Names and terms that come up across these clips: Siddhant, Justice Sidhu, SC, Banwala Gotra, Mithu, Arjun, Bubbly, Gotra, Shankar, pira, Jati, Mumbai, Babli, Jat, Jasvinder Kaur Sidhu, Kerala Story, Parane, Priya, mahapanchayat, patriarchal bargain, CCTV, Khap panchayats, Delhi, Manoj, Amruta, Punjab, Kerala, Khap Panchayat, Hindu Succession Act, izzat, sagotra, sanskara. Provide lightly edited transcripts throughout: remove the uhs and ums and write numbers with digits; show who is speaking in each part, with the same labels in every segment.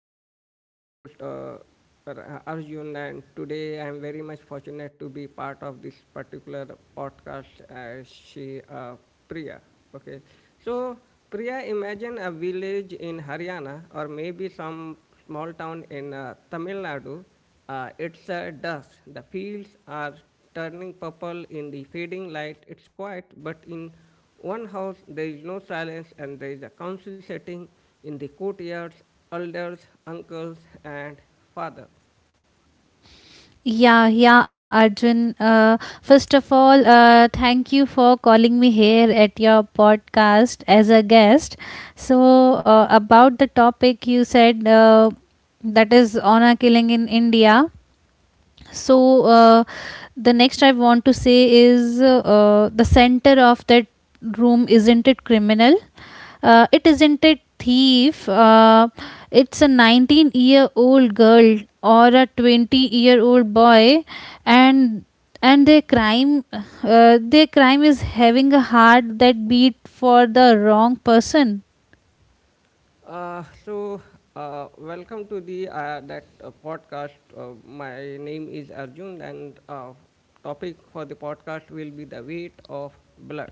Speaker 1: channel. I'm your host Arjun, and today I'm very much fortunate to be part of this particular podcast. As she, Priya. Okay, so Priya, imagine a village in Haryana or maybe some small town in Tamil Nadu, it's a dusk. The fields are turning purple in the fading light. It's quiet, but in one house there is no silence, and there is a council sitting in the courtyards, elders, uncles, and fathers.
Speaker 2: Yeah, yeah, Arjun. First of all, thank you for calling me here at your podcast as a guest. So, about the topic you said that is honor killing in India. So, uh, the next I want to say is the center of that room, isn't it criminal? It isn't a thief. It's a 19-year-old girl or a 20-year-old boy, and their crime is having a heart that beat for the wrong person.
Speaker 1: Uh, so, welcome to the that podcast. My name is Arjun, and topic for the podcast will be the weight of blood.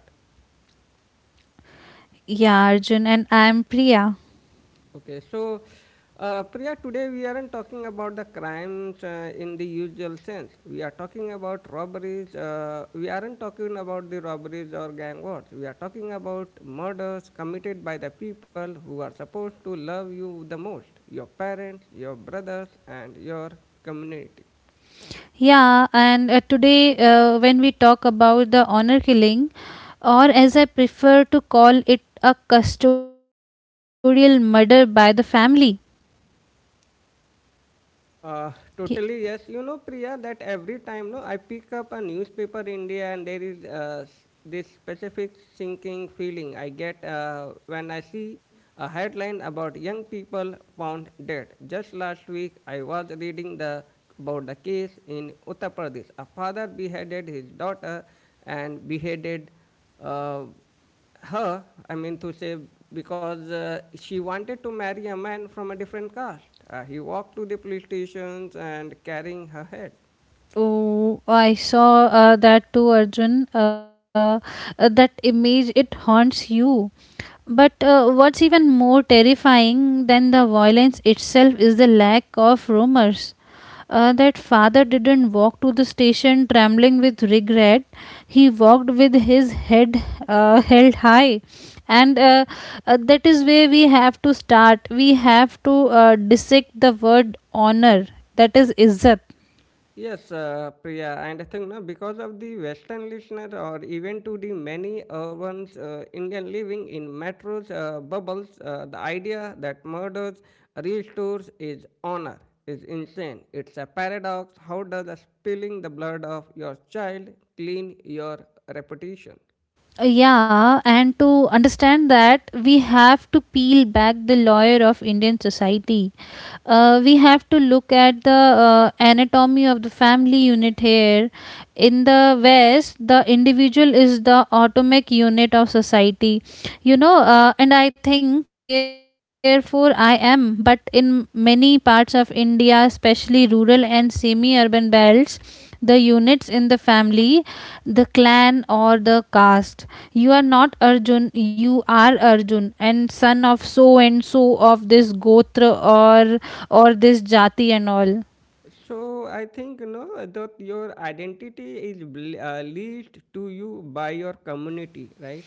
Speaker 2: Yeah, Arjun, and I am Priya.
Speaker 1: Okay, so Priya, today we aren't talking about the crimes in the usual sense. We are talking about robberies. We aren't talking about the robberies or gang wars. We are talking about murders committed by the people who are supposed to love you the most, your parents, your brothers, and your community.
Speaker 2: Yeah, and today when we talk about the honor killing, or as I prefer to call it, a custodial murder by the family.
Speaker 1: Uh, Totally yes. You know, Priya, that every time no, I pick up a newspaper India, and there is this specific sinking feeling I get when I see a headline about young people found dead. Just last week, I was reading the about the case in Uttar Pradesh. A father beheaded his daughter and beheaded. Uh, Her, I mean to say, because she wanted to marry a man from a different caste, he walked to the police stations and carrying her head.
Speaker 2: Oh, I saw that too, Arjun. That image, it haunts you. But what's even more terrifying than the violence itself is the lack of rumors. That father didn't walk to the station trembling with regret. He walked with his head held high. And that is where we have to start. We have to dissect the word honor, that is, izzat.
Speaker 1: Yes, Priya, and I think no, because of the western listener or even to the many urban Indian living in metros bubbles, the idea that murders restores is honor is insane. It's a paradox. How does spilling the blood of your child clean your reputation?
Speaker 2: Yeah, and to understand that, we have to peel back the layer of Indian society. We have to look at the anatomy of the family unit here. In the West, the individual is the atomic unit of society, and I think therefore I am. But in many parts of India, especially rural and semi urban belts, the units in the family, the clan, or the caste. You are not Arjun, you are Arjun, and son of so and so of this Gotra or this Jati and all.
Speaker 1: So I think you know that your identity is leased to you by your community, right?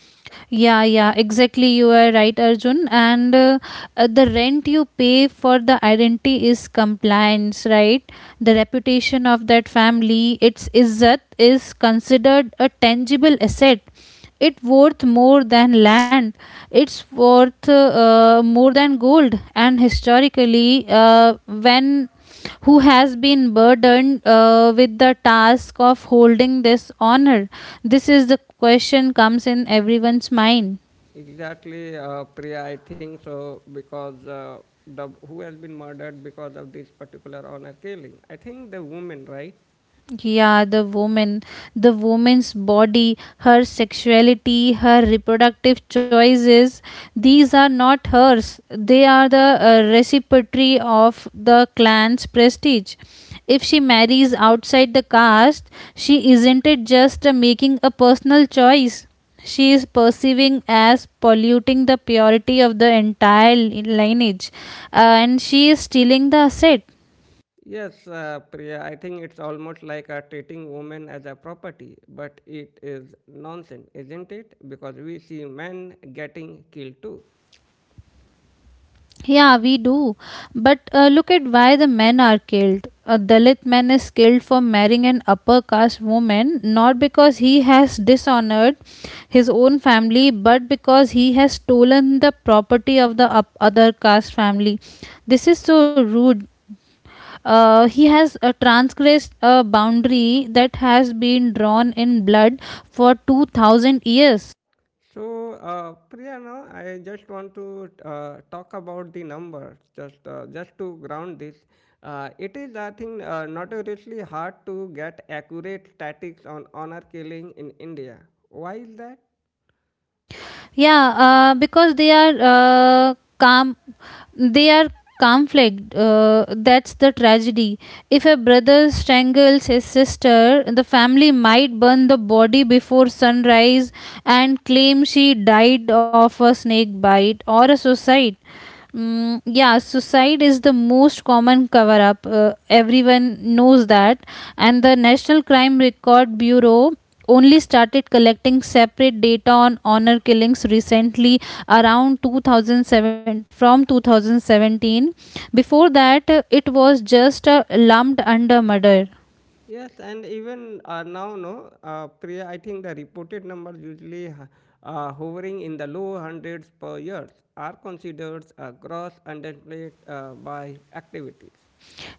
Speaker 2: Yeah, yeah, exactly. You are right, Arjun. And the rent you pay for the identity is compliance, right? The reputation of that family, its izzat, is considered a tangible asset. It worth more than land. It's worth more than gold. And historically, when who has been burdened with the task of holding this honor? This is the question comes in everyone's mind.
Speaker 1: Exactly, Priya. I think so because the who has been murdered because of this particular honor killing. I think the woman, right?
Speaker 2: Yeah, the woman, the woman's body, her sexuality, her reproductive choices, these are not hers. They are the reciprocity of the clan's prestige. If she marries outside the caste, she isn't it just making a personal choice, she is perceiving as polluting the purity of the entire lineage, and she is stealing the asset.
Speaker 1: Yes, Priya. I think it's almost like treating women as a property, but it is nonsense, isn't it? Because we see men getting killed too.
Speaker 2: Yeah, we do. But look at why the men are killed. A Dalit man is killed for marrying an upper caste woman, not because he has dishonored his own family, but because he has stolen the property of the other caste family. This is so rude. He has transgressed a boundary that has been drawn in blood for 2,000 years.
Speaker 1: So, Priya, now I just want to talk about the numbers, just to ground this. It is, I think, notoriously hard to get accurate statistics on honor killing in India. Why is that?
Speaker 2: Yeah, because they are calm, they are conflict, that's the tragedy. If a brother strangles his sister, the family might burn the body before sunrise and claim she died of a snake bite or a suicide. Mm, yeah, suicide is the most common cover up. Everyone knows that. And the National Crime Record Bureau only started collecting separate data on honor killings recently, around 2007 from 2017. Before that it was just lumped under murder.
Speaker 1: Yes, and even now, no, Priya, I think the reported numbers hovering in the low hundreds per year are considered a gross underplayed by activities.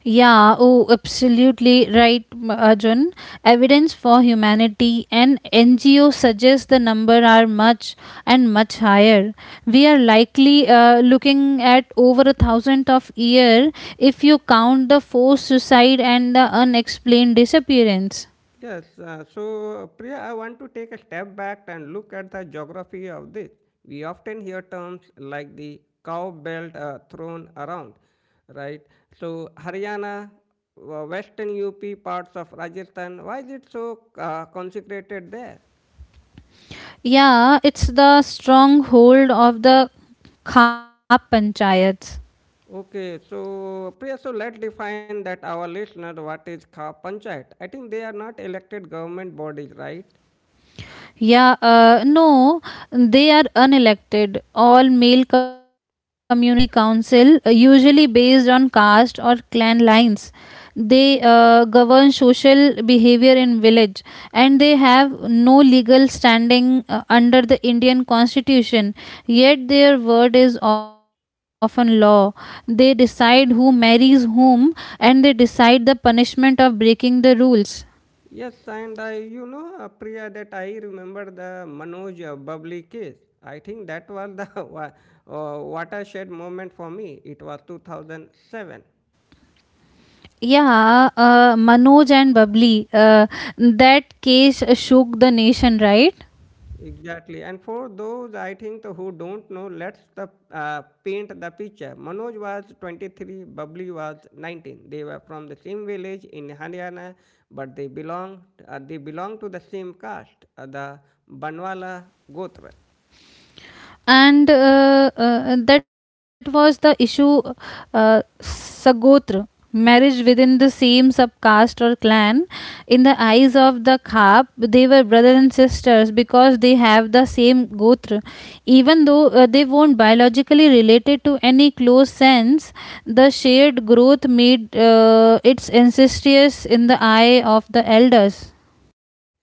Speaker 2: Yeah, oh, absolutely right, Arjun. Evidence for Humanity and NGO suggests the number are much and much higher. We are likely looking at over a thousand of year if you count the forced suicide and the unexplained disappearance.
Speaker 1: Yes, so Priya, I want to take a step back and look at the geography of this. We often hear terms like the cow belt thrown around, right? So Haryana, Western UP, parts of Rajasthan, why is it so consecrated there?
Speaker 2: Yeah, it's the stronghold of the Khap panchayats.
Speaker 1: Okay, so Priya, so let's define that our listener what is Kha Panchayat. I think they are not elected government bodies, right?
Speaker 2: Yeah, no, they are unelected. All male community council, usually based on caste or clan lines. They govern social behavior in village, and they have no legal standing under the Indian constitution. Yet their word is often law. They decide who marries whom, and they decide the punishment of breaking the rules.
Speaker 1: Yes, and I, you know, Priya, that I remember the Manoj Bubbly case. I think that was the watershed moment for me. It was 2007.
Speaker 2: Yeah, Manoj and Babli. That case shook the nation, right?
Speaker 1: Exactly. And for those, I think, who don't know, let's the, paint the picture. Manoj was 23, Bubbly was 19. They were from the same village in Haryana, but they belonged to the same caste, the Banwala Gotra.
Speaker 2: And that was the issue, sagotra, marriage within the same subcaste or clan. In the eyes of the khap, they were brother and sisters because they have the same gotra, even though they weren't biologically related to any close sense. The shared growth made its incestuous in the eye of the elders.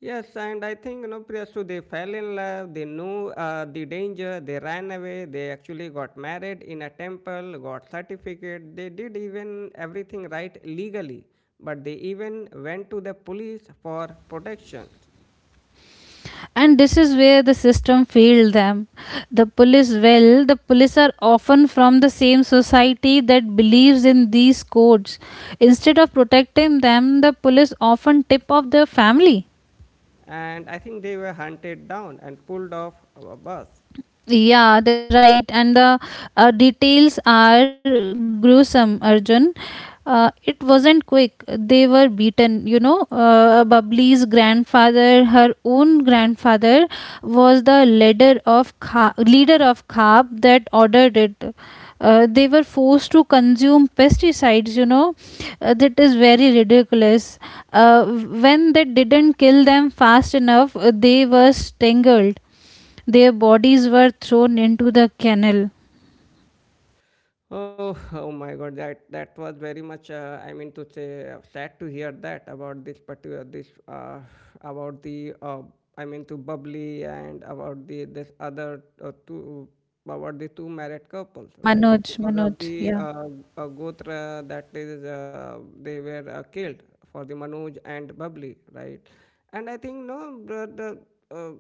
Speaker 1: Yes, and I think you know, Priyasu, they fell in love. They knew the danger. They ran away. They actually got married in a temple, got certificate. They did even everything right legally, but they even went to the police for protection.
Speaker 2: And this is where the system failed them. The police, well, the police are often from the same society that believes in these codes. Instead of protecting them, the police often tip off their family.
Speaker 1: And I think they were hunted down and pulled off a bus.
Speaker 2: Yeah, that's right. And the details are gruesome, Arjun. It wasn't quick. They were beaten. You know, Babli's grandfather, her own grandfather, was the leader of Khab that ordered it. They were forced to consume pesticides. You know, that is very ridiculous. When they didn't kill them fast enough, they were strangled. Their bodies were thrown into the canal.
Speaker 1: Oh, oh my God, that was very much. I mean to say, sad to hear that about this particular this about the I mean to Bubbly and about the this other two about the two married couples,
Speaker 2: Yeah,
Speaker 1: right?
Speaker 2: Manoj,
Speaker 1: Because
Speaker 2: Manoj,
Speaker 1: of the
Speaker 2: yeah.
Speaker 1: Gotra that is they were killed for the Manoj and Bubbly, right? And I think no, the uh,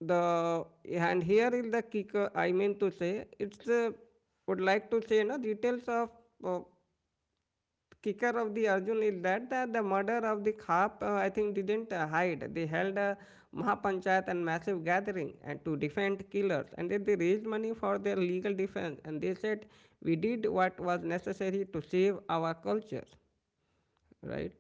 Speaker 1: the and here is the kicker, I mean to say, it's would like to say no details of uh, kicker of the Arjun is that the murder of the khap I think didn't hide. They held a mahapanchayat and massive gathering and to defend killers, and then they raised money for their legal defense, and they said we did what was necessary to save our culture, right?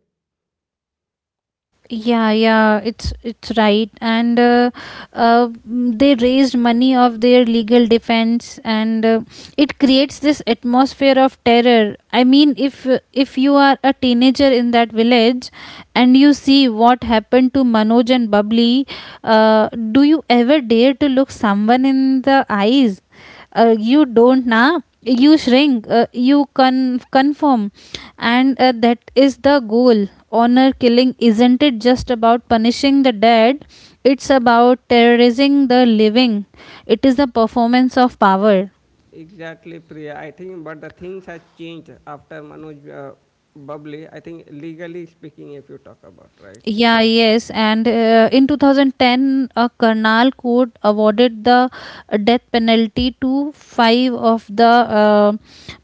Speaker 2: Yeah, yeah, it's right, and they raised money of their legal defense, and it creates this atmosphere of terror. I mean, if you are a teenager in that village, and you see what happened to Manoj and Bubbly, do you ever dare to look someone in the eyes? You don't na, you shrink, you confirm. And that is the goal. Honor killing isn't it just about punishing the dead, it's about terrorizing the living. It is the performance of power.
Speaker 1: Exactly, Priya. I think, but the things has changed after Manoj Bubbly. I think legally speaking, if you talk about right,
Speaker 2: Yeah, yes. And in 2010, a Karnal court awarded the death penalty to five of the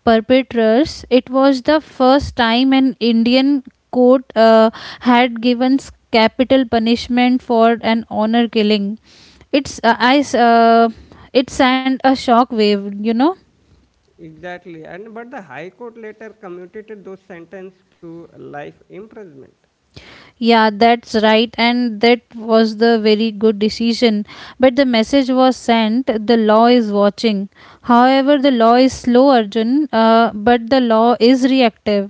Speaker 2: perpetrators. It was the first time an Indian court had given capital punishment for an honor killing. It's it sent a shock wave, you know.
Speaker 1: exactly. And but the High Court later commuted those sentence to life imprisonment.
Speaker 2: Yeah, that's right, and that was the very good decision. But the message was sent, the law is watching. However, the law is slow, Arjun, but the law is reactive.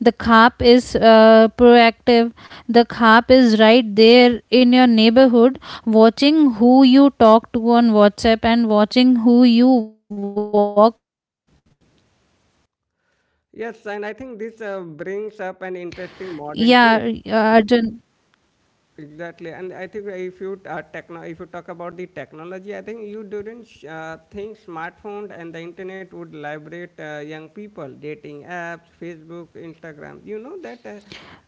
Speaker 2: The CAP is proactive. The CAP is right there in your neighborhood, watching who you talk to on WhatsApp and watching who you walk with whom.
Speaker 1: Yes, and I think this brings up an interesting modern
Speaker 2: Yeah,
Speaker 1: twist.
Speaker 2: Arjun.
Speaker 1: Exactly, and I think if you talk about the technology, I think you didn't think smartphone and the internet would liberate young people. Dating apps, Facebook, Instagram. You know that uh,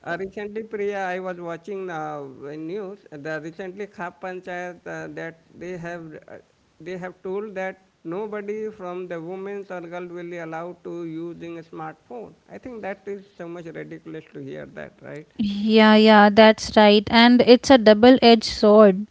Speaker 1: uh, recently, Priya, I was watching the news. The recently Khap Panchayat that they have told that nobody from the women's or girl will be allowed to using a smartphone. I think that is so much ridiculous to hear that, right?
Speaker 2: Yeah, yeah, that's right. And it's a double edged sword.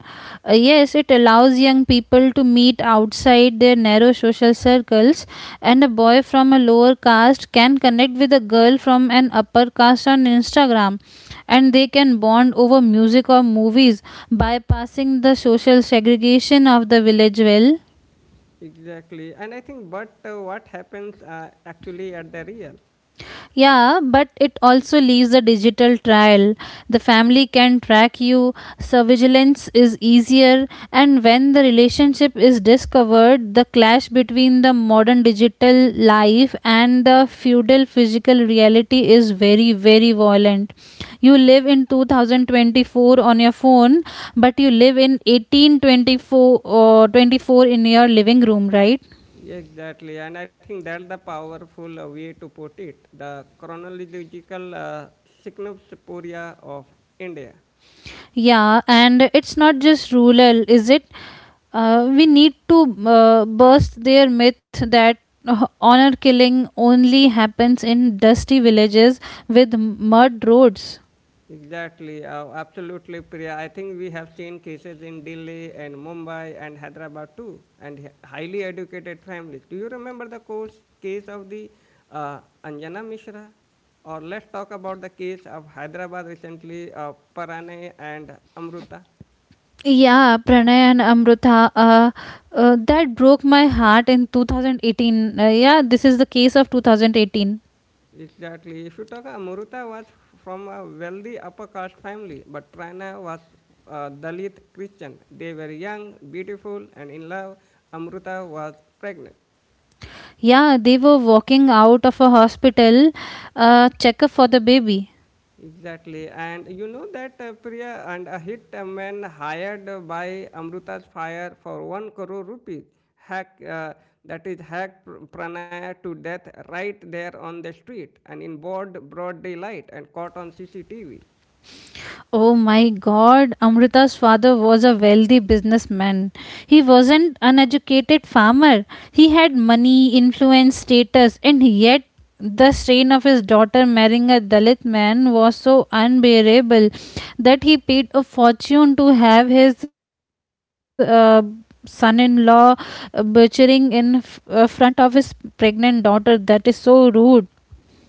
Speaker 2: Yes, it allows young people to meet outside their narrow social circles, and a boy from a lower caste can connect with a girl from an upper caste on Instagram, and they can bond over music or movies, bypassing the social segregation of the village well.
Speaker 1: Exactly. And I think, but what happens actually at the real?
Speaker 2: Yeah, but it also leaves a digital trail. The family can track you, surveillance is easier, and when the relationship is discovered, the clash between the modern digital life and the feudal physical reality is very, very violent. You live in 2024 on your phone, but you live in 1824 or 24 in your living room, right?
Speaker 1: Exactly. And I think that's the powerful way to put it. The chronological Cygnopsoporia of India.
Speaker 2: Yeah, and it's not just rural, is it? We need to burst their myth that honor killing only happens in dusty villages with mud roads.
Speaker 1: Exactly, absolutely, Priya. I think we have seen cases in Delhi and Mumbai and Hyderabad too, and highly educated families. Do you remember the course case of the Anjana Mishra? Or let's talk about the case of Hyderabad recently, Parane and Amruta.
Speaker 2: Yeah, Pranay and Amrutha, that broke my heart in 2018. Yeah, this is the case of 2018.
Speaker 1: Exactly. If you talk, Amruta was from a wealthy upper caste family, but Prana was a Dalit Christian. They were young, beautiful, and in love. Amruta was pregnant.
Speaker 2: Yeah, they were walking out of a hospital checkup for the baby.
Speaker 1: Exactly. And you know that Priya, and a hitman hired by Amruta's fire for 1 crore rupees hack that is hacked Pranaya to death right there on the street and in broad daylight and caught on CCTV.
Speaker 2: Oh my god, Amrita's father was a wealthy businessman. He wasn't an educated farmer. He had money, influence, status, and yet the strain of his daughter marrying a Dalit man was so unbearable that he paid a fortune to have his son in law butchering in front of his pregnant daughter. That is so rude.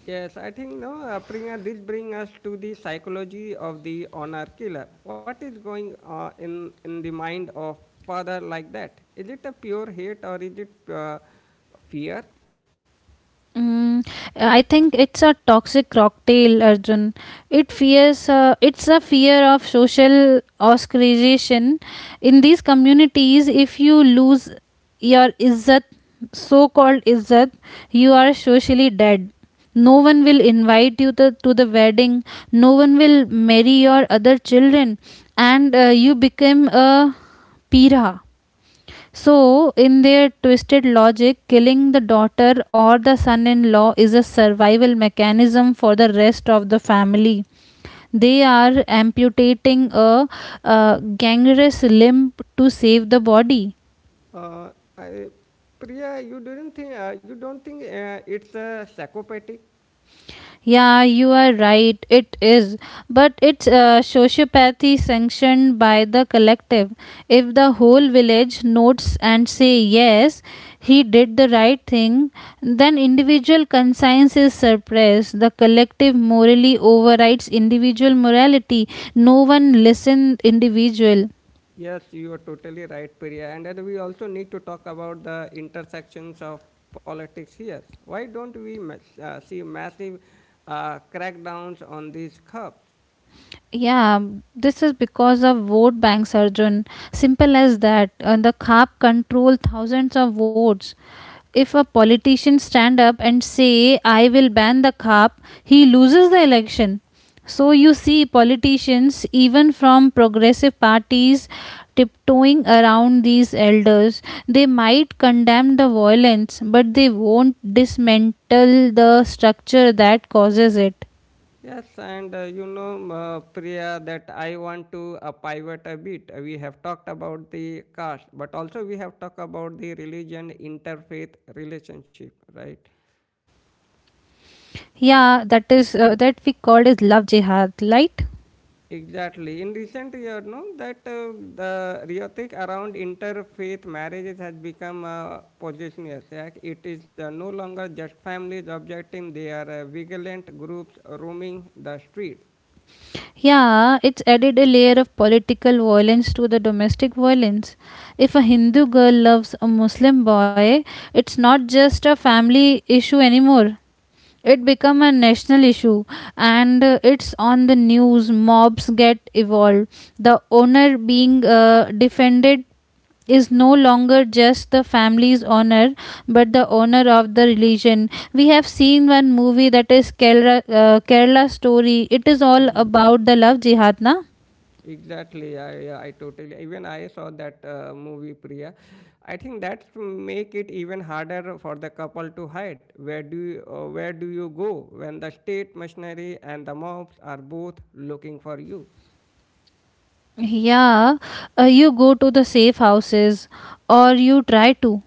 Speaker 1: Yes, I think no Priya, this brings us to the psychology of the honor killer. What is going in the mind of father like that? Is it a pure hate or is it fear?
Speaker 2: Mm, I think it's a toxic cocktail, Arjun. It fears, it's a fear of social ostracization. In these communities, if you lose your izzat, so-called izzat, you are socially dead. No one will invite you to the wedding. No one will marry your other children, and you become a pira. So, in their twisted logic, killing the daughter or the son in law is a survival mechanism for the rest of the family. They are amputating a, gangrenous limb to save the body.
Speaker 1: Uh, I, Priya, you didn't think you don't think it's a psychopathic?
Speaker 2: Yeah, you are right. It is. But it's sociopathy sanctioned by the collective. If the whole village notes and say, yes, he did the right thing, then individual conscience is suppressed. The collective morally overrides individual morality. No one listens individual.
Speaker 1: Yes, you are totally right, Priya. And then we also need to talk about the intersections of politics here. Why don't we see massive crackdowns on these cops?
Speaker 2: Yeah, this is because of vote banks, Arjun. Simple as that. The CAP control thousands of votes. If a politician stand up and say I will ban the cap, he loses the election. So you see politicians even from progressive parties tiptoeing around these elders. They might condemn the violence, but they won't dismantle the structure that causes it.
Speaker 1: Yes, and you know, Priya, that I want to pivot a bit. We have talked about the caste, but also we have talked about the religion interfaith relationship, right?
Speaker 2: Yeah, that is that we called as love jihad, right?
Speaker 1: Exactly. In recent year, no, that the rhetoric around interfaith marriages has become a positionless. Like it is no longer just families objecting; they are vigilant groups roaming the streets.
Speaker 2: Yeah, it's added a layer of political violence to the domestic violence. If a Hindu girl loves a Muslim boy, it's not just a family issue anymore. It become a national issue and it's on the news, mobs get involved, the owner being defended is no longer just the family's honor but the honor of the religion. We have seen one movie that is Kerala, Kerala Story. It is all
Speaker 1: Mhm.
Speaker 2: about the love jihad, na.
Speaker 1: Exactly, I totally even I saw that movie, Priya. I think that's make it even harder for the couple to hide. Where do you go when the state machinery and the mobs are both looking for you?
Speaker 2: Yeah, you go to the safe houses or you try to.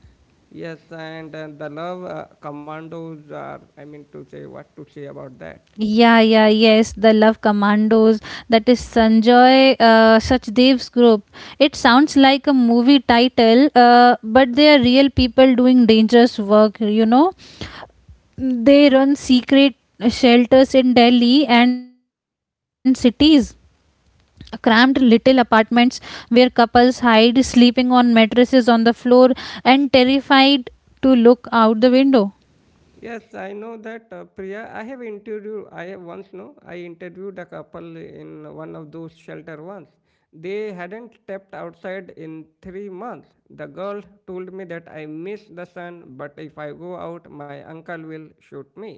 Speaker 1: Yes, and the love commandos are, I mean, to say what to say about that.
Speaker 2: Yeah, yeah, yes, the love commandos, that is Sanjoy Sachdev's group. It sounds like a movie title, but they are real people doing dangerous work. They run secret shelters in Delhi and cities. Cramped little apartments where couples hide, sleeping on mattresses on the floor, and terrified to look out the window.
Speaker 1: Yes, I know that Priya. I have interviewed. I have once know I interviewed a couple in one of those shelter once. They hadn't stepped outside in 3 months. The girl told me that I miss the sun, but if I go out, my uncle will shoot me.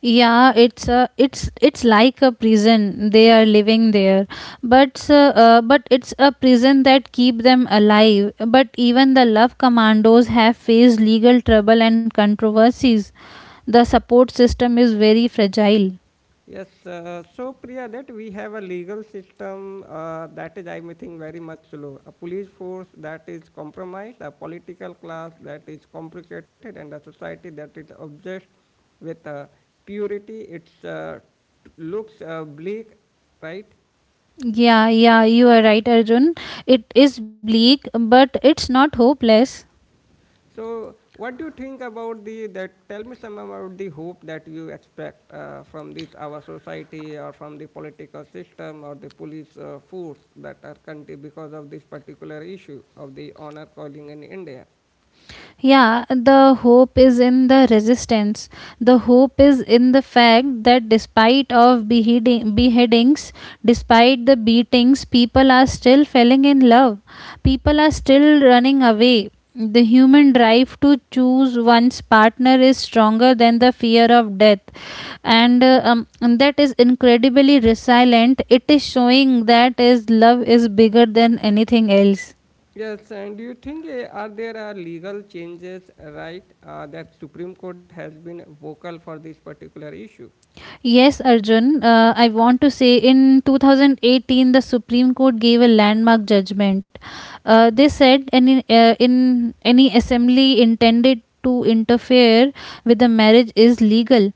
Speaker 2: Yeah, it's like a prison. They are living there, but it's a prison that keep them alive. But even the love commandos have faced legal trouble and controversies. The support system is very fragile.
Speaker 1: Yes, so Priya, that we have a legal system that is, I may think, very much slow. A police force that is compromised, a political class that is complicated, and a society that is obsessed with purity. It looks bleak, right?
Speaker 2: Yeah, yeah, you are right, Arjun. It is bleak, but it's not hopeless.
Speaker 1: So, what do you think about the that? Tell me some about the hope that you expect from this our society or from the political system or the police force that our country because of this particular issue of the honor calling in India.
Speaker 2: Yeah, the hope is in the resistance. The hope is in the fact that despite of beheadings, despite the beatings, people are still falling in love. People are still running away. The human drive to choose one's partner is stronger than the fear of death, and and that is incredibly resilient. It is showing that is love is bigger than anything else.
Speaker 1: Yes, and do you think are there are legal changes right that Supreme Court has been vocal for this particular issue?
Speaker 2: Yes, Arjun, I want to say in 2018, the Supreme Court gave a landmark judgment. In any assembly intended to interfere with the marriage is legal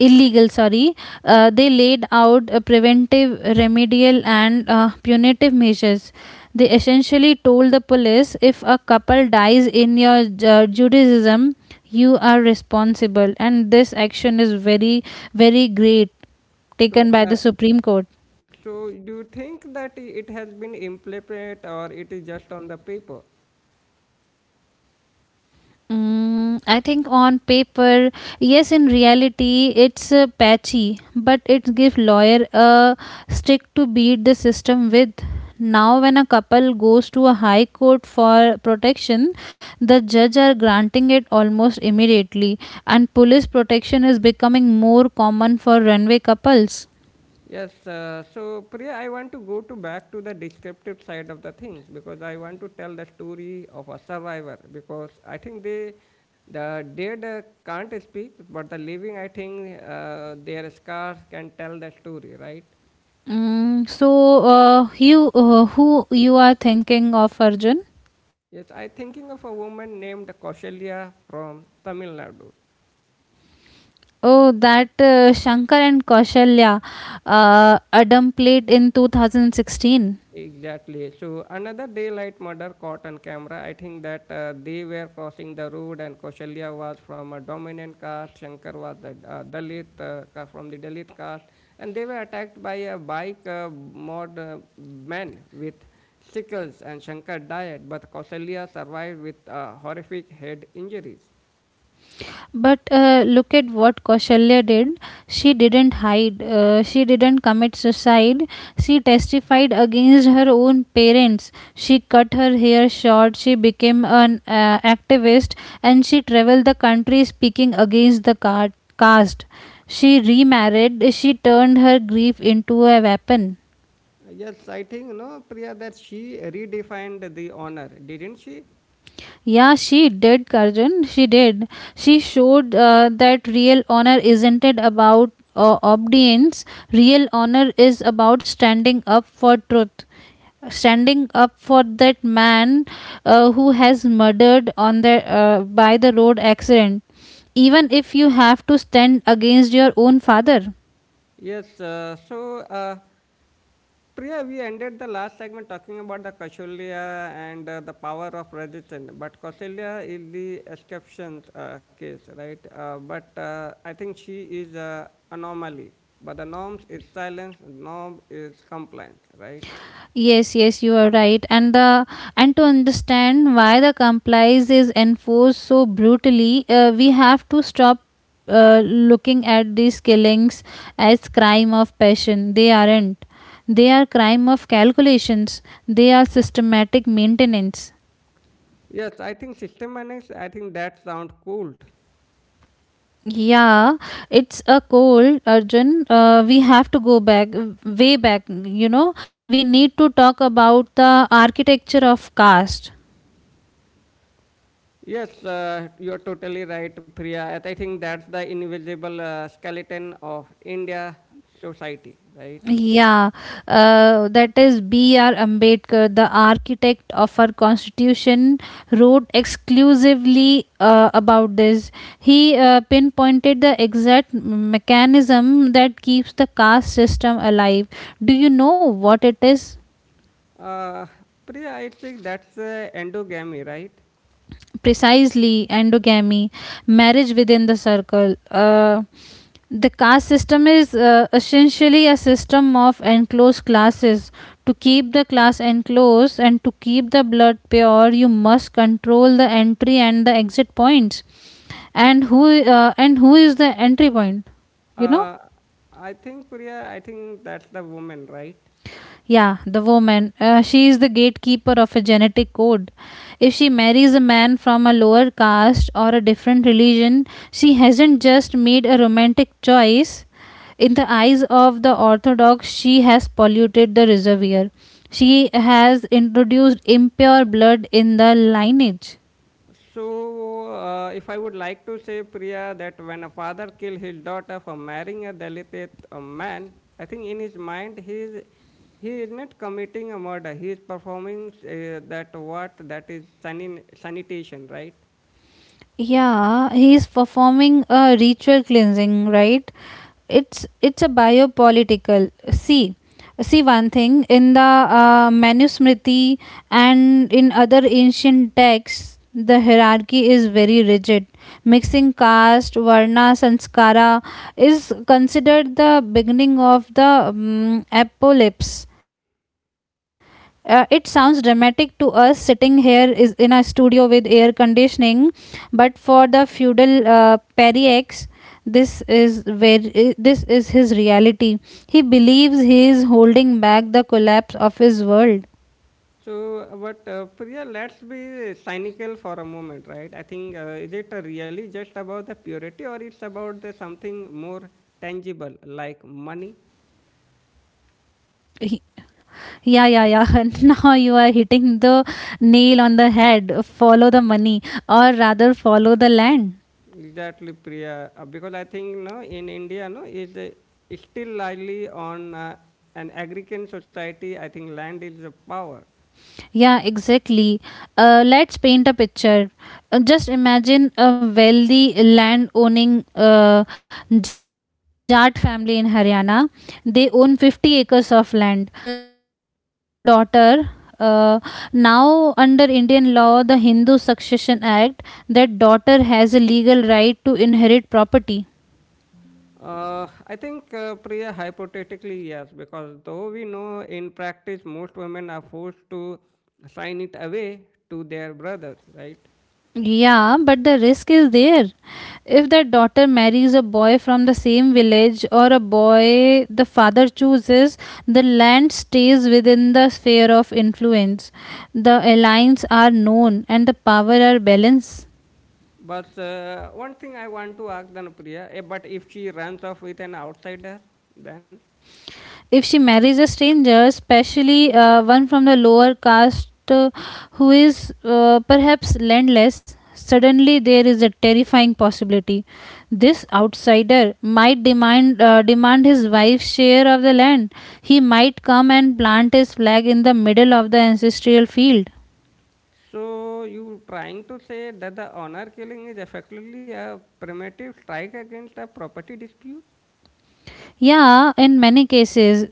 Speaker 2: illegal sorry They laid out preventive, remedial and punitive measures. They essentially told the police, if a couple dies in your judaism, you are responsible, and this action is very great,
Speaker 1: So,
Speaker 2: taken by the Supreme Court.
Speaker 1: so do you think that it has been implemented or it is just on the paper?
Speaker 2: Mm, I think on paper, yes. In reality, it's patchy, but it gives lawyer a stick to beat the system with. Now, when a couple goes to a high court for protection, the judge are granting it almost immediately, and police protection is becoming more common for runaway couples.
Speaker 1: Yes, so Priya, I want to go to back to the descriptive side of the things because I want to tell the story of a survivor because I think they, the dead can't speak, but the living, I think their scars can tell the story, right?
Speaker 2: Mm, so, you who you are thinking of, Arjun?
Speaker 1: Yes, I thinking of a woman named Kausalya from Tamil Nadu.
Speaker 2: Oh, that Shankar and Kaushalya Adam played in 2016.
Speaker 1: Exactly. So another daylight murder caught on camera. I think that they were crossing the road, and Kaushalya was from a dominant caste. Shankar was the Dalit from the Dalit caste, and they were attacked by a bike mod man with sickles. And Shankar died, but Kaushalya survived with horrific head injuries.
Speaker 2: But look at what Kaushalya did. She didn't hide. She didn't commit suicide. She testified against her own parents. She cut her hair short. She became an activist and she traveled the country speaking against the caste. She remarried. She turned her grief into a weapon.
Speaker 1: Yes, I think no, Priya, that she redefined the honor, didn't she?
Speaker 2: Yeah, she did, Karjan. She did. She showed that real honor isn't it about obedience. Real honor is about standing up for truth, standing up for that man who has murdered on the by the road accident, even if you have to stand against your own father.
Speaker 1: Yes, uh, so uh, Priya, we ended the last segment talking about the Kausalya and the power of resistance, but Kausalya is the exception case, right? But I think she is anomaly. But the norms is silence, norm is compliance, right?
Speaker 2: Yes, yes, you are right. And to understand why the compliance is enforced so brutally, we have to stop looking at these killings as crime of passion. They aren't. They are crime of calculations. They are systematic maintenance.
Speaker 1: Yes, I think system annex, I think that sounds cool.
Speaker 2: Yeah, it's a cold, Arjun. We have to go back, way back. You know, we need to talk about the architecture of caste.
Speaker 1: Yes, you're totally right, Priya. And I think that's the invisible skeleton of India society, right?
Speaker 2: Yeah, that is B.R. Ambedkar, the architect of our constitution, wrote exclusively about this. He pinpointed the exact mechanism that keeps the caste system alive. Do you know what it is?
Speaker 1: Uh, Priya, I think that's endogamy, right?
Speaker 2: Precisely endogamy, marriage within the circle. The caste system is essentially a system of enclosed classes. To keep the class enclosed and to keep the blood pure, you must control the entry and the exit points. And who is the entry point, you know?
Speaker 1: Uh, I think, Priya, I think that's the woman, right?
Speaker 2: Yeah, the woman. She is the gatekeeper of a genetic code. If she marries a man from a lower caste or a different religion, she hasn't just made a romantic choice. In the eyes of the Orthodox, she has polluted the reservoir. She has introduced impure blood in the lineage.
Speaker 1: If I would like to say, Priya, that when a father kill his daughter for marrying a Dalit a man, I think in his mind he is not committing a murder. He is performing that what that is sanitation, right?
Speaker 2: Yeah, he's performing a ritual cleansing, right? It's a biopolitical. See, see one thing in the Manusmriti and in other ancient texts, the hierarchy is very rigid. Mixing caste, varna, sanskara is considered the beginning of the apocalypse. It sounds dramatic to us sitting here is in a studio with air conditioning, but for the feudal Periex, this is his reality. He believes he is holding back the collapse of his world.
Speaker 1: So, but Priya, let's be cynical for a moment, right? I think is it really just about the purity, or it's about the something more tangible like money?
Speaker 2: He, yeah. Now you are hitting the nail on the head. Follow the money, or rather, follow the land.
Speaker 1: Exactly, Priya. Because I think no, in India, no, is still largely on an agrarian society. I think land is a power.
Speaker 2: Yeah, exactly. Let's paint a picture. Just imagine a wealthy land owning Jat family in Haryana. They own 50 acres of land and they have a daughter. Uh, now, under Indian law, the Hindu Succession Act, that daughter has a legal right to inherit property.
Speaker 1: Priya, hypothetically, yes, because though we know in practice most women are forced to sign it away to their brothers, right?
Speaker 2: Yeah, but the risk is there. If the daughter marries a boy from the same village or a boy the father chooses, the land stays within the sphere of influence. The alliance are known and the power are balanced.
Speaker 1: But One thing I want to ask Dhanupriya, eh, but if she runs off with an outsider, then?
Speaker 2: If she marries a stranger, especially one from the lower caste who is perhaps landless, suddenly there is a terrifying possibility. This outsider might demand his wife's share of the land. He might come and plant his flag in the middle of the ancestral field.
Speaker 1: So you trying to say that the honor killing is effectively a primitive strike against a property dispute?
Speaker 2: Yeah, in many cases,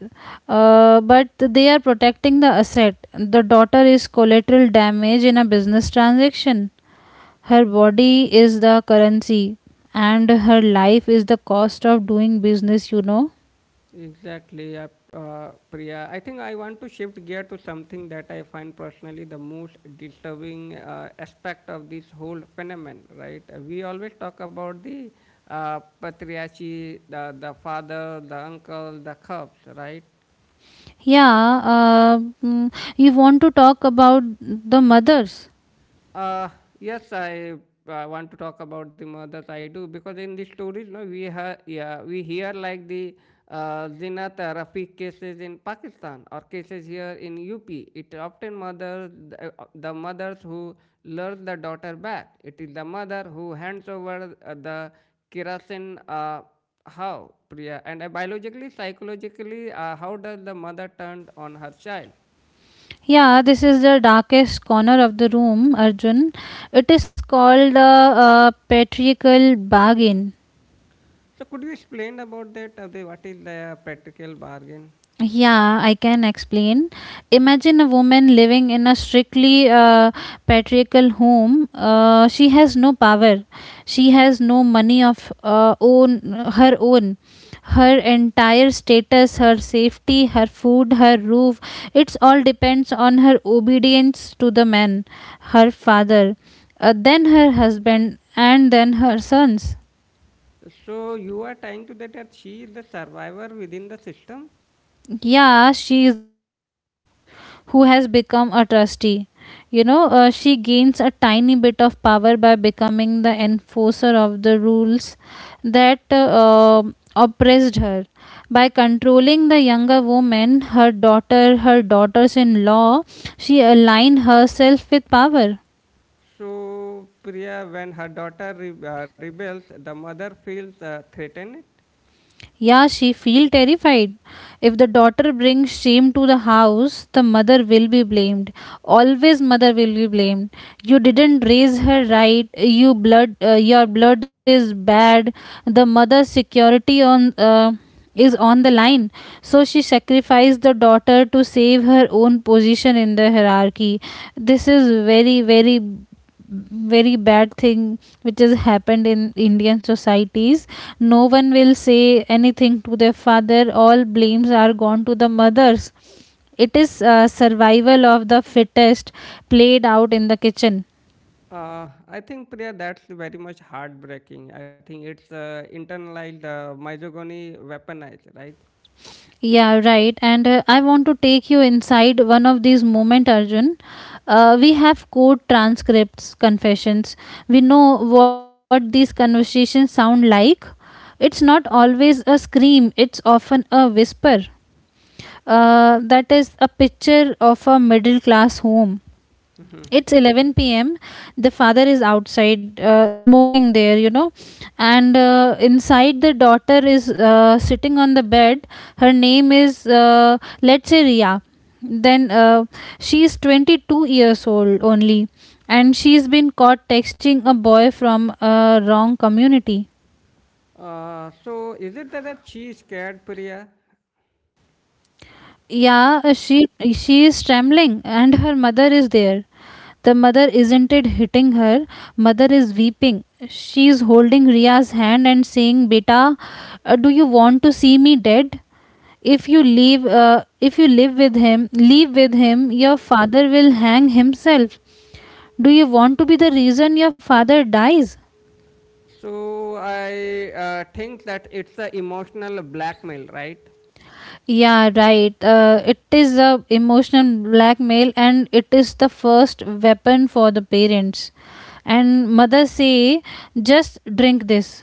Speaker 2: but they are protecting the asset. The daughter is collateral damage in a business transaction. Her body is the currency, and her life is the cost of doing business, you know.
Speaker 1: Exactly, uh, Priya. I think I want to shift gear to something that I find personally the most disturbing aspect of this whole phenomenon, right? We always talk about the patriarchy, the father, the uncle, the cubs, right?
Speaker 2: Yeah, you want to talk about the mothers?
Speaker 1: Uh, yes, I want to talk about the mothers. I do because in the stories, no, we have yeah, we hear like the Zinat Rafiq cases in Pakistan or cases here in UP. It often mothers the mothers who lure the daughter back. It is the mother who hands over the kerosene. How, Priya? And biologically, psychologically, how does the mother turn on her child?
Speaker 2: Yeah, this is the darkest corner of the room, Arjun. It is called the patriarchal bargain.
Speaker 1: So could you explain about that? What is the practical bargain?
Speaker 2: Yeah, I can explain. Imagine a woman living in a strictly patriarchal home. She has no power. She has no money of own. Her entire status, her safety, her food, her roof, it's all depends on her obedience to the man, her father, then her husband, and then her sons.
Speaker 1: So you are trying to that, that she is the survivor within the system.
Speaker 2: Yeah, she is a prisoner who has become a trustee. You know, she gains a tiny bit of power by becoming the enforcer of the rules that oppressed her. By controlling the younger woman, her daughter, her daughters in law, she aligned herself with power.
Speaker 1: So Priya, when her daughter rebels, the mother feels threatened.
Speaker 2: Yeah, she feel terrified. If the daughter brings shame to the house, the mother will be blamed. Always mother will be blamed. You didn't raise her right. Your blood is bad. The mother's security on is on the line. So she sacrificed the daughter to save her own position in the hierarchy. This is very bad thing which has happened in Indian societies. No one will say anything to their father, all blames are gone to the mothers. It is survival of the fittest played out in the kitchen.
Speaker 1: I think Priya, that's very much heartbreaking. I think it's internalized misogyny weaponized, right?
Speaker 2: Yeah, right. And I want to take you inside one of these moment, Arjun. Uh, we have court transcripts, confessions, we know what these conversations sound like. It's not always a scream, it's often a whisper. That is a picture of a middle class home. It's 11 p.m. The father is outside smoking there, you know, and inside the daughter is sitting on the bed. Her name is, let's say, Ria. Then she is 22 years old only, and she's been caught texting a boy from a wrong community.
Speaker 1: So is it that, that she is scared, Priya?
Speaker 2: Yeah, she is trembling, and her mother is there. The mother isn't it hitting her, mother is weeping. She is holding Riya's hand and saying, Beta, do you want to see me dead? If you leave, if you live with him, leave with him, your father will hang himself. Do you want to be the reason your father dies?
Speaker 1: So I think that it's a emotional blackmail, right?
Speaker 2: Yeah, right. It is the emotional blackmail and it is the first weapon for the parents. And mother say, just drink this.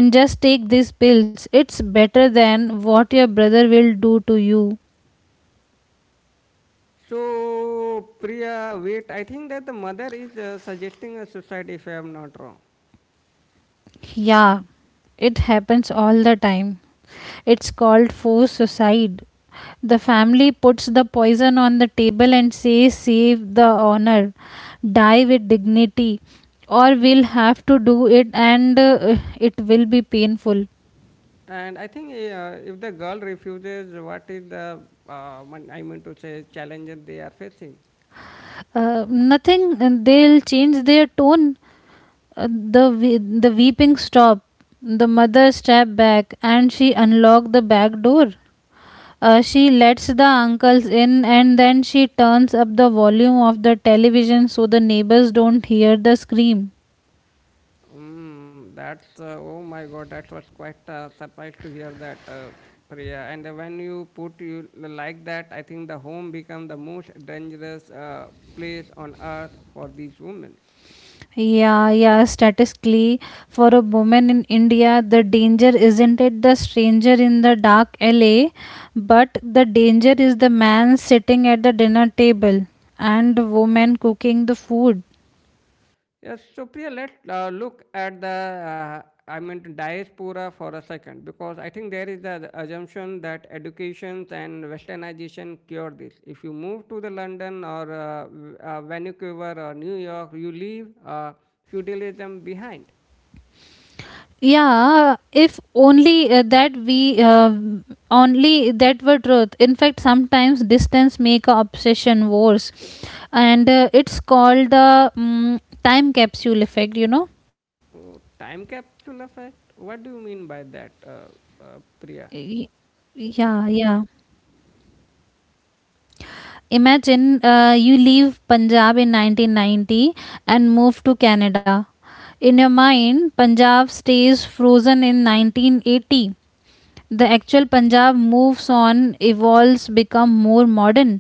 Speaker 2: And just take these pills. It's better than what your brother will do to you.
Speaker 1: So Priya, wait, I think that the mother is suggesting a suicide if I am not wrong.
Speaker 2: Yeah, it happens all the time. It's called forced suicide. The family puts the poison on the table and says, Save the honor, die with dignity, or we'll have to do it and it will be painful.
Speaker 1: And I think if the girl refuses, what is the I mean to say challenges they are facing?
Speaker 2: Nothing, they'll change their tone. Uh, the weeping stopped. The mother stepped back and she unlocked the back door. She lets the uncles in and then she turns up the volume of the television so the neighbors don't hear the scream.
Speaker 1: Mm, that's oh my god, that was quite surprised to hear that, Priya. And when you put you like that, I think the home become the most dangerous place on earth for these women.
Speaker 2: Yeah, yeah, statistically, for a woman in India, the danger isn't it the stranger in the dark alley, but the danger is the man sitting at the dinner table and the woman cooking the food.
Speaker 1: Yes, so Priya, let's look at the I mean diaspora for a second because I think there is the assumption that educations and westernization cure this. If you move to the London or Vancouver or New York, you leave. Feudalism behind.
Speaker 2: Yeah, if only that we only that were truth. In fact, sometimes distance make a obsession worse, and it's called the time capsule effect.
Speaker 1: Oh, time capsule effect? What do you mean by that, Priya?
Speaker 2: Y- yeah, yeah, imagine you leave punjab in 1990 and move to canada. In your mind punjab stays frozen in 1980. The actual Punjab moves on, evolves, become more modern.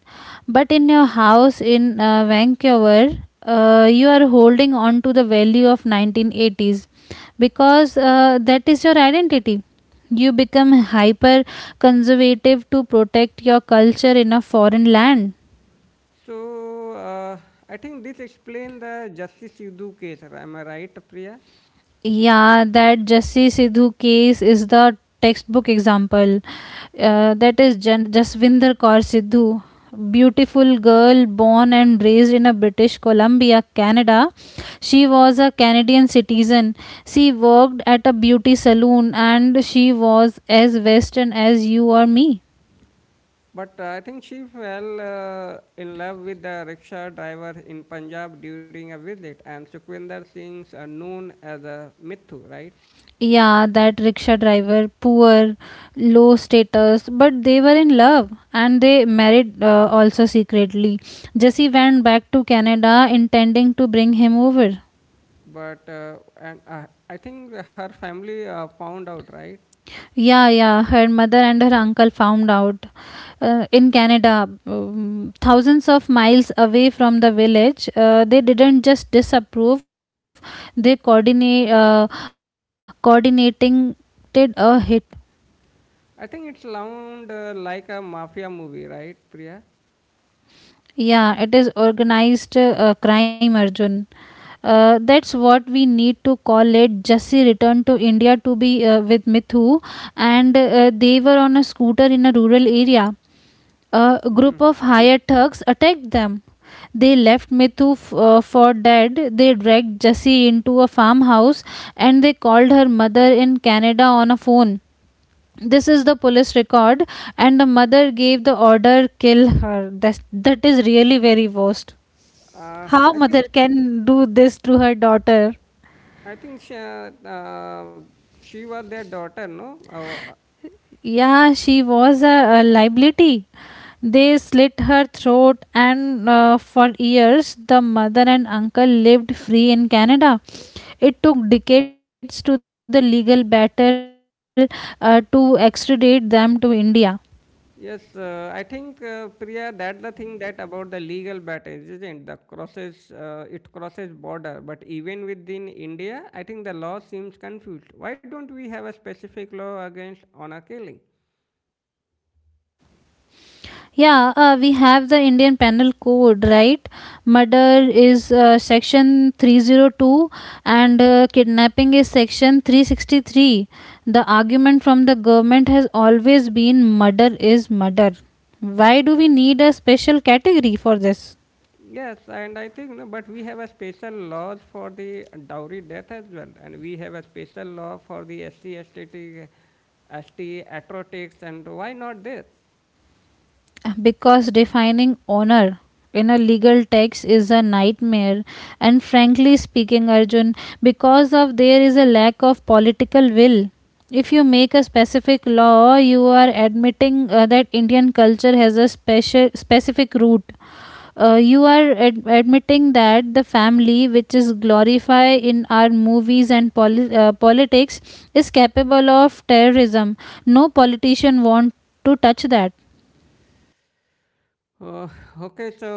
Speaker 2: But in your house in Vancouver, you are holding on to the value of 1980s because that is your identity. You become hyper conservative to protect your culture in a foreign land.
Speaker 1: So, uh, I think this explains the Justice Sidhu case, am I right, Priya?
Speaker 2: Yeah, that Jassi Sidhu case is the textbook example. That is Jasvinder Kaur Sidhu, beautiful girl born and raised in a British Columbia, Canada. She was a Canadian citizen. She worked at a beauty saloon and she was as Western as you or me.
Speaker 1: But I think she fell in love with the rickshaw driver in Punjab during a visit, and Sukhvinder Singh's known as a Mithu, right?
Speaker 2: Yeah, that rickshaw driver, poor, low status, but they were in love and they married also secretly. Jessie went back to Canada intending to bring him over.
Speaker 1: But and I think her family found out, right?
Speaker 2: Yeah, yeah, her mother and her uncle found out. In Canada, thousands of miles away from the village, they didn't just disapprove, they coordinate, coordinating a hit.
Speaker 1: I think it sound like a mafia movie, right, Priya?
Speaker 2: Yeah, it is organized crime, Arjun. That's what we need to call it. Jesse returned to India to be with Mithu, and they were on a scooter in a rural area. A group of hired thugs attacked them. They left Mithu for dead. They dragged Jessie into a farmhouse and they called her mother in Canada on a phone. This is the police record. And the mother gave the order, kill her. That that is really very worst.
Speaker 1: Uh,
Speaker 2: How
Speaker 1: I
Speaker 2: mother
Speaker 1: think
Speaker 2: can do this to her daughter?
Speaker 1: I think she, uh, uh, she was their daughter, no? Uh,
Speaker 2: Yeah, she was a liability. They slit her throat, and for years the mother and uncle lived free in canada. It took decades to the legal battle to extradite them to india.
Speaker 1: yes, I think Priya, that's the thing that about the legal battles, isn't the crosses? It crosses border, but even within India, I think the law seems confused. Why don't we have a specific law against honor killing?
Speaker 2: Yeah, we have the Indian Penal Code, right? Murder is section 302, and kidnapping is section 363. The argument from the government has always been, murder is murder. Why do we need a special category for this?
Speaker 1: Yes, and I think no, but we have a special laws for the dowry death as well, and we have a special law for the SC, ST atrocities, and why not this?
Speaker 2: Because defining honor in a legal text is a nightmare. And frankly speaking, Arjun, because of there is a lack of political will. If you make a specific law, you are admitting that indian culture has a special specific root. You are admitting that the family, which is glorified in our movies and politics, is capable of terrorism. No politician want to touch that.
Speaker 1: Uh, okay, so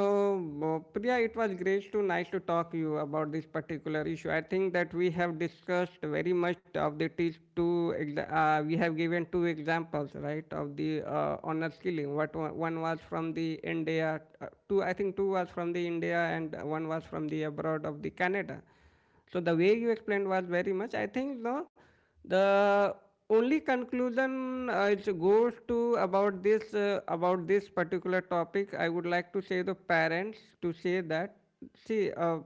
Speaker 1: uh, Priya, it was great to nice to talk you about this particular issue. I think that we have discussed very much of the these two. We have given two examples, right, of the honor killing. What one one was from the India, two I think two was from the India, and one was from the abroad of the Canada. So the way you explained was very much. I think no, the only conclusion it goes to about this particular topic. I would like to say the parents to say that see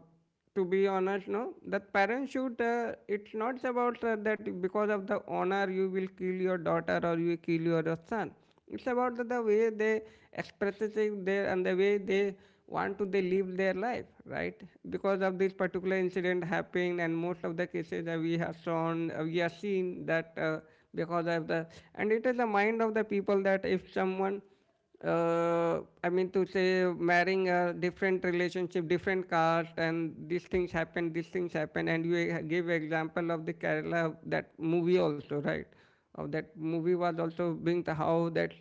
Speaker 1: to be honest, no, that parents should. It's not about that because of the honor you will kill your daughter or you kill your son. It's about the way they express their and the way they want to they live their life, right? Because of this particular incident happening, and most of the cases that we have shown, we have seen that because of the and it is the mind of the people that if someone I mean to say marrying a different relationship, different caste, and these things happen, and you give example of the Kerala that movie also, right? Of that movie was also being the how that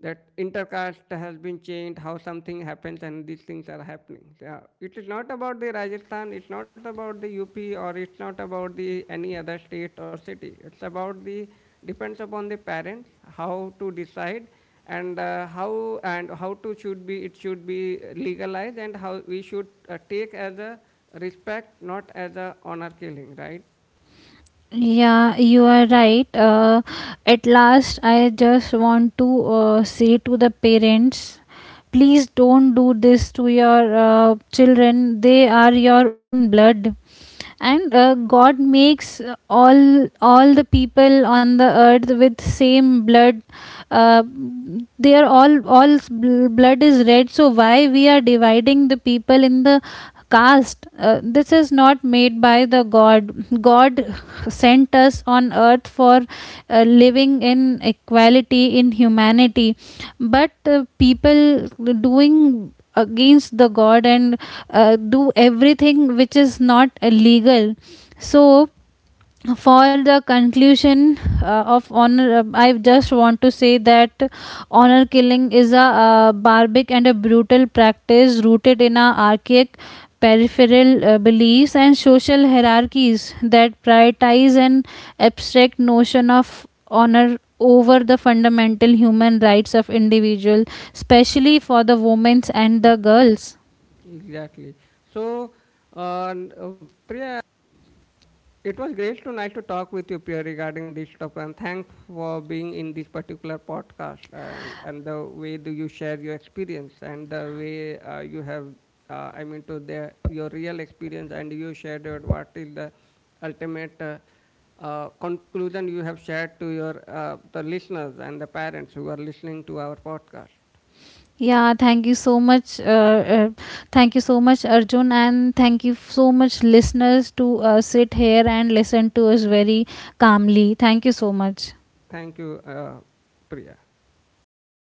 Speaker 1: that intercaste has been changed, how something happens, and these things are happening. Yeah. It is not about the Rajasthan, it's not about the UP, or it's not about the any other state or city. It's about the depends upon the parents how to decide and how and how to should be it should be legalized and how we should take as a respect not as a honor killing, right?
Speaker 2: Yeah, you are right. At last, I just want to say to the parents, please don't do this to your children, they are your own blood. And God makes all the people on the earth with same blood. Uh, they are all blood is red. So why we are dividing the people in the caste? This is not made by the god. God sent us on earth for living in equality in humanity, but people doing against the god, and do everything which is not legal. So for the conclusion of honor, I just want to say that honor killing is a barbaric and a brutal practice rooted in a archaic peripheral beliefs and social hierarchies that prioritize an abstract notion of honor over the fundamental human rights of individual, especially for the women and the
Speaker 1: Mhm.
Speaker 2: girls.
Speaker 1: Exactly. so uh, n- uh, Priya, Uh, it was great tonight to talk with you, Pierre, regarding this topic, and thanks for being in this particular podcast and the way do you share your experience and the way you have, I mean, to the your real experience and you shared it, what is the ultimate conclusion you have shared to your the listeners and the parents who are listening to our podcast.
Speaker 2: Yeah, thank you so much. Thank you so much, Arjun, and thank you so much, listeners, to sit here and listen to us very calmly. Thank you so much.
Speaker 1: Thank you, Priya.